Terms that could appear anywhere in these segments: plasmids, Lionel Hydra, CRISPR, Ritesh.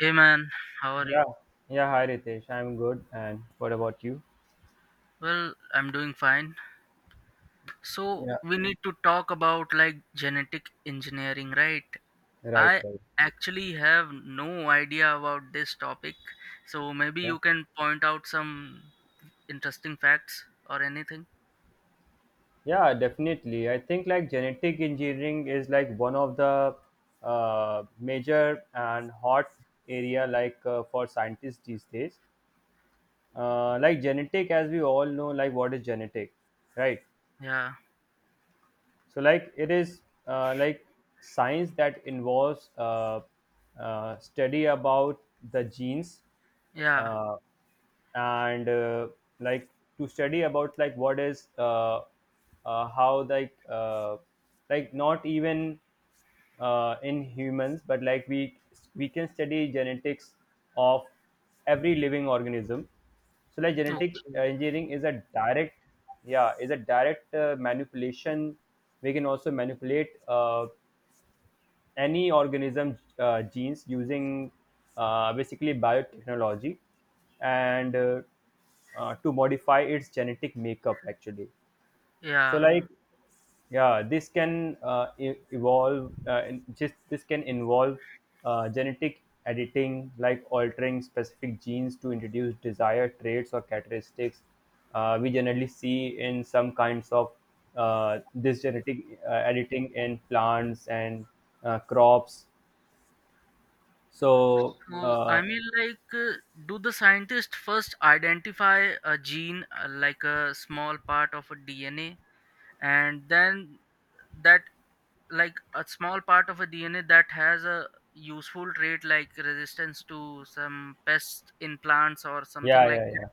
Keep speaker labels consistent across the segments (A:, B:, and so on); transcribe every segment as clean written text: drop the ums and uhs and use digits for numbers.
A: Hey man, how are you?
B: Yeah. Yeah. Hi, Ritesh. I'm good. And what about you?
A: Well, I'm doing fine. So,
B: Yeah.
A: we need to talk about like genetic engineering, right?
B: Right.
A: I
B: Right.
A: actually have no idea about this topic. So, maybe
B: Okay.
A: you can point out some interesting facts or anything.
B: Yeah, definitely. I think like genetic engineering is like one of the major and hot area like for scientists these days. Like genetic, as we all know, like what is genetic, right?
A: Yeah,
B: So like it is like science that involves study about the genes.
A: yeah,
B: Uh, and Like to study about like what is how like not even in humans but like we can study genetics of every living organism. So like
A: okay,
B: genetic engineering is a direct manipulation. We can also manipulate any organism genes using basically biotechnology, and to modify its genetic makeup actually. So
A: yeah.
B: like yeah, this can just this can involve genetic editing, like altering specific genes to introduce desired traits or characteristics. We generally see in some kinds of this genetic editing in plants and crops, so.
A: So, I
B: Uh,
A: mean, do the scientists first identify a gene like a small part of a DNA and then that like a small part of a dna that has a useful trait like resistance to some pests in plants or something
B: yeah,
A: like
B: yeah,
A: that.
B: yeah.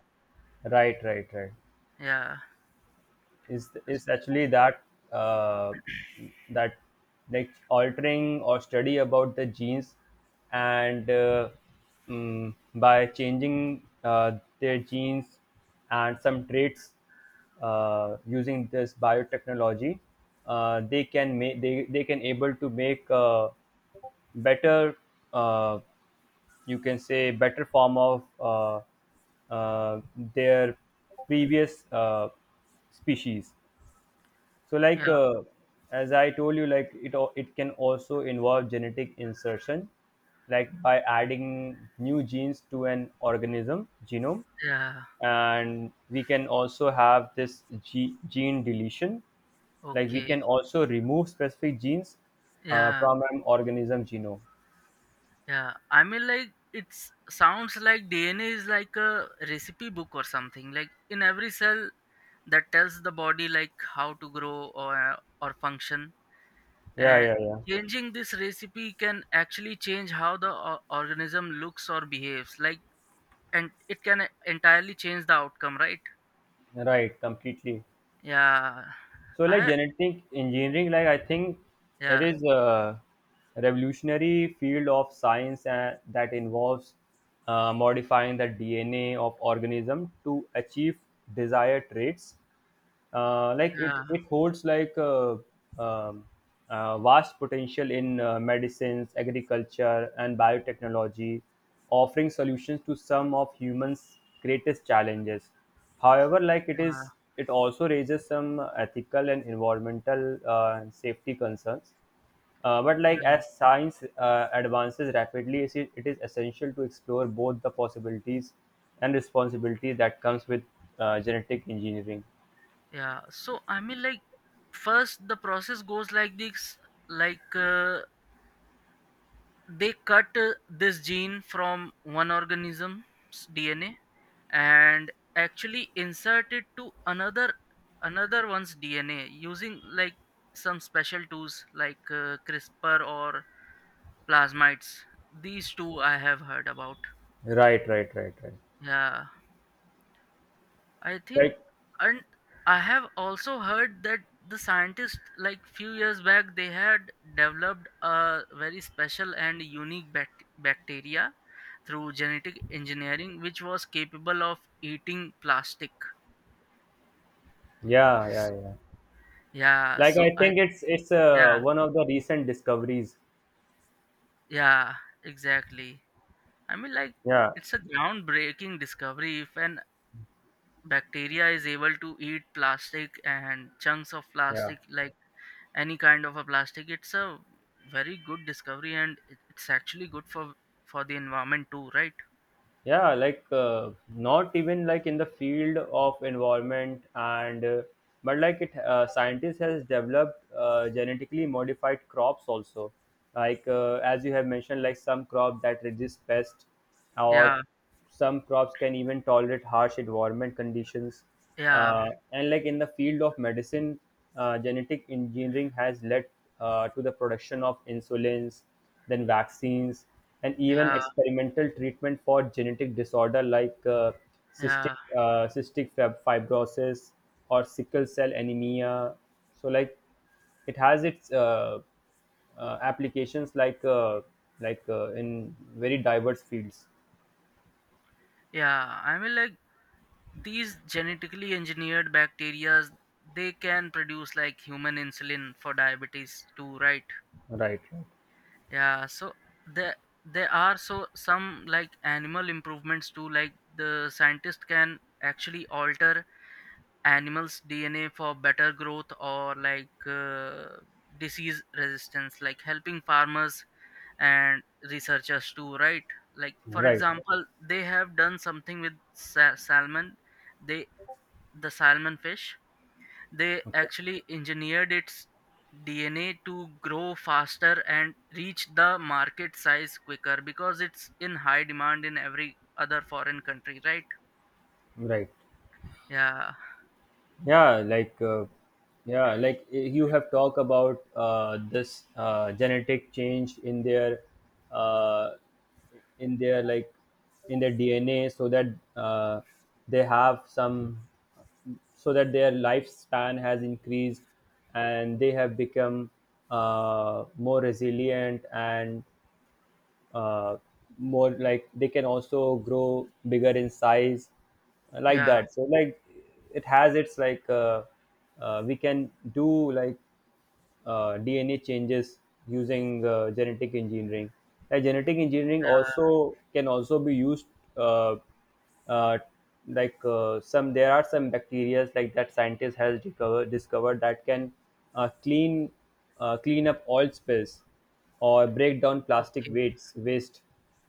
B: Right, right, right.
A: Yeah,
B: Is actually that uh, that like altering or study about the genes, and by changing their genes and some traits using this biotechnology, they can able to make better uh, you can say better form of uh, their previous species. So like
A: yeah,
B: as I told you, like it can also involve genetic insertion, like by adding new genes to an organism genome.
A: yeah,
B: And we can also have this gene deletion, like we
A: okay,
B: can also remove specific genes
A: yeah,
B: from an organism genome.
A: yeah. I mean, like, it sounds like dna is like a recipe book or something like in every cell that tells the body like how to grow or function.
B: Yeah,
A: And
B: yeah, yeah.
A: changing this recipe can actually change how the organism looks or behaves, like, and it can entirely change the outcome, right?
B: Right, completely.
A: Yeah.
B: So, like
A: I
B: genetic engineering, like I think it
A: Yeah,
B: is a revolutionary field of science that involves modifying the DNA of organism to achieve desired traits. Like
A: yeah,
B: it holds like um, vast potential in medicines, agriculture and biotechnology, offering solutions to some of humans greatest challenges. However, like it is
A: yeah,
B: it also raises some ethical and environmental and safety concerns. But like
A: yeah,
B: as science advances rapidly, it is essential to explore both the possibilities and responsibility that comes with genetic engineering.
A: yeah. So I mean, like, first the process goes like this, like, they cut this gene from one organism's dna and actually insert it to another one's dna using like some special tools like crispr or plasmids. These two I have heard about.
B: Right, right, right, right.
A: Yeah, I think,
B: Like,
A: and I have also heard that the scientists, like few years back, they had developed a very special and unique bacteria through genetic engineering, which was capable of eating plastic.
B: yeah, yeah, yeah.
A: Yeah,
B: Like
A: so
B: I think it's
A: yeah,
B: one of the recent discoveries.
A: yeah, exactly. I mean, like,
B: Yeah,
A: it's a groundbreaking discovery if an bacteria is able to eat plastic and chunks of
B: yeah,
A: plastic, like any kind of a plastic. It's a very good discovery and it's actually good for the environment too, right?
B: yeah. Like not even like in the field of environment and but like it scientists has developed genetically modified crops also. Like as you have mentioned, like some crop that resists pest or
A: Yeah,
B: some crops can even tolerate harsh environment conditions
A: yeah,
B: and like in the field of medicine, genetic engineering has led to the production of insulins, then vaccines, and even
A: yeah,
B: experimental treatment for genetic disorder like cystic
A: yeah.
B: fibrosis or sickle cell anemia. So like it has its applications like in very diverse fields.
A: Yeah, I mean, like, these genetically engineered bacteria, they can produce like human insulin for diabetes too, right?
B: Right.
A: Yeah. So there there are so some like animal improvements too, like the scientist can actually alter animals dna for better growth or like, disease resistance, like helping farmers and researchers too, right? Like for
B: Right.
A: example, they have done something with salmon. they the salmon fish, they
B: Okay.
A: actually engineered its dna to grow faster and reach the market size quicker because it's in high demand in every other foreign country, right?
B: Right.
A: Yeah,
B: Yeah, like you have talked about this genetic change in their uh, in their like DNA, so that uh, they have some, so that their lifespan has increased and they have become more resilient and uh, more like they can also grow bigger in size like
A: yeah,
B: that. So like it has its like we can do like dna changes using genetic engineering. Like genetic engineering
A: yeah,
B: also can also be used uh, uh, like some there are some bacteria like that scientists has discovered that can uh, clean clean up oil spills or break down plastic
A: okay,
B: waste.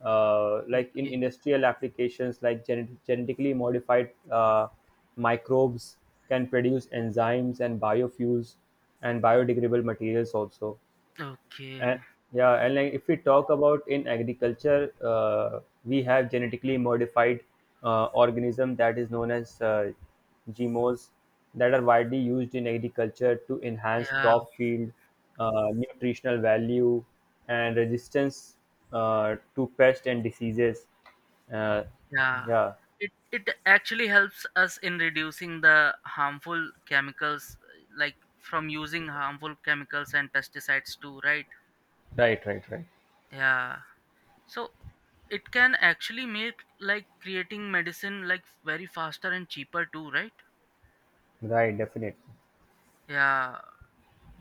B: Like in
A: okay,
B: industrial applications, like genetically modified microbes can produce enzymes and biofuels and biodegradable materials also.
A: okay.
B: And yeah, and like if we talk about in agriculture, we have genetically modified organism that is known as GMOs, that are widely used in agriculture to enhance
A: Yeah,
B: crop field, nutritional value, and resistance to pest and diseases. Uh,
A: yeah.
B: yeah,
A: It actually helps us in reducing the harmful chemicals, like from using harmful chemicals and pesticides too, right?
B: Right, right, right.
A: Yeah. So it can actually make like creating medicine like very faster and cheaper too, right?
B: Right, definitely.
A: Yeah.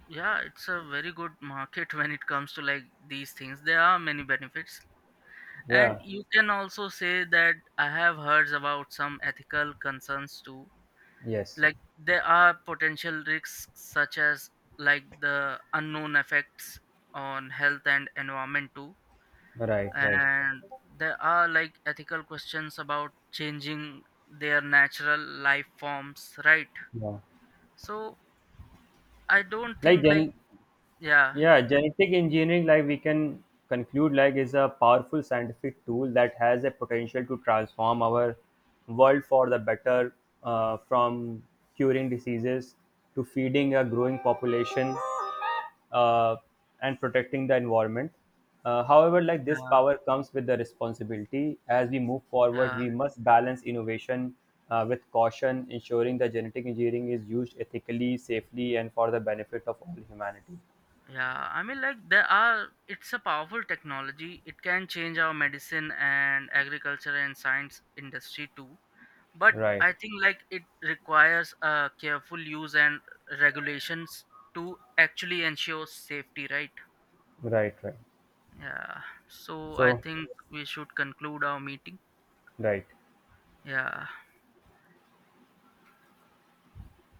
A: Yeah, it's a very good market when it comes to like these things. There are many benefits. And
B: Yeah,
A: you can also say that I have heard about some ethical concerns too,
B: yes,
A: like there are potential risks such as like the unknown effects on health and environment too.
B: right, right.
A: And there are like ethical questions about changing their natural life forms, right?
B: Yeah,
A: So I don't
B: like
A: think like,
B: gen
A: yeah,
B: Yeah, genetic engineering, like we can conclude, like is a powerful scientific tool that has a potential to transform our world for the better, from curing diseases to feeding a growing population uh, and protecting the environment. However, like this
A: yeah,
B: power comes with the responsibility. As we move forward,
A: yeah.
B: we must balance innovation with caution, ensuring that genetic engineering is used ethically, safely, and for the benefit of all humanity.
A: Yeah, I mean, like, there are, it's a powerful technology. It can change our medicine and agriculture and science industry too, but
B: Right,
A: I think like it requires a careful use and regulations to actually ensure safety, right?
B: right, right.
A: Yeah. So I
B: So,
A: think we should conclude our meeting.
B: right.
A: Yeah.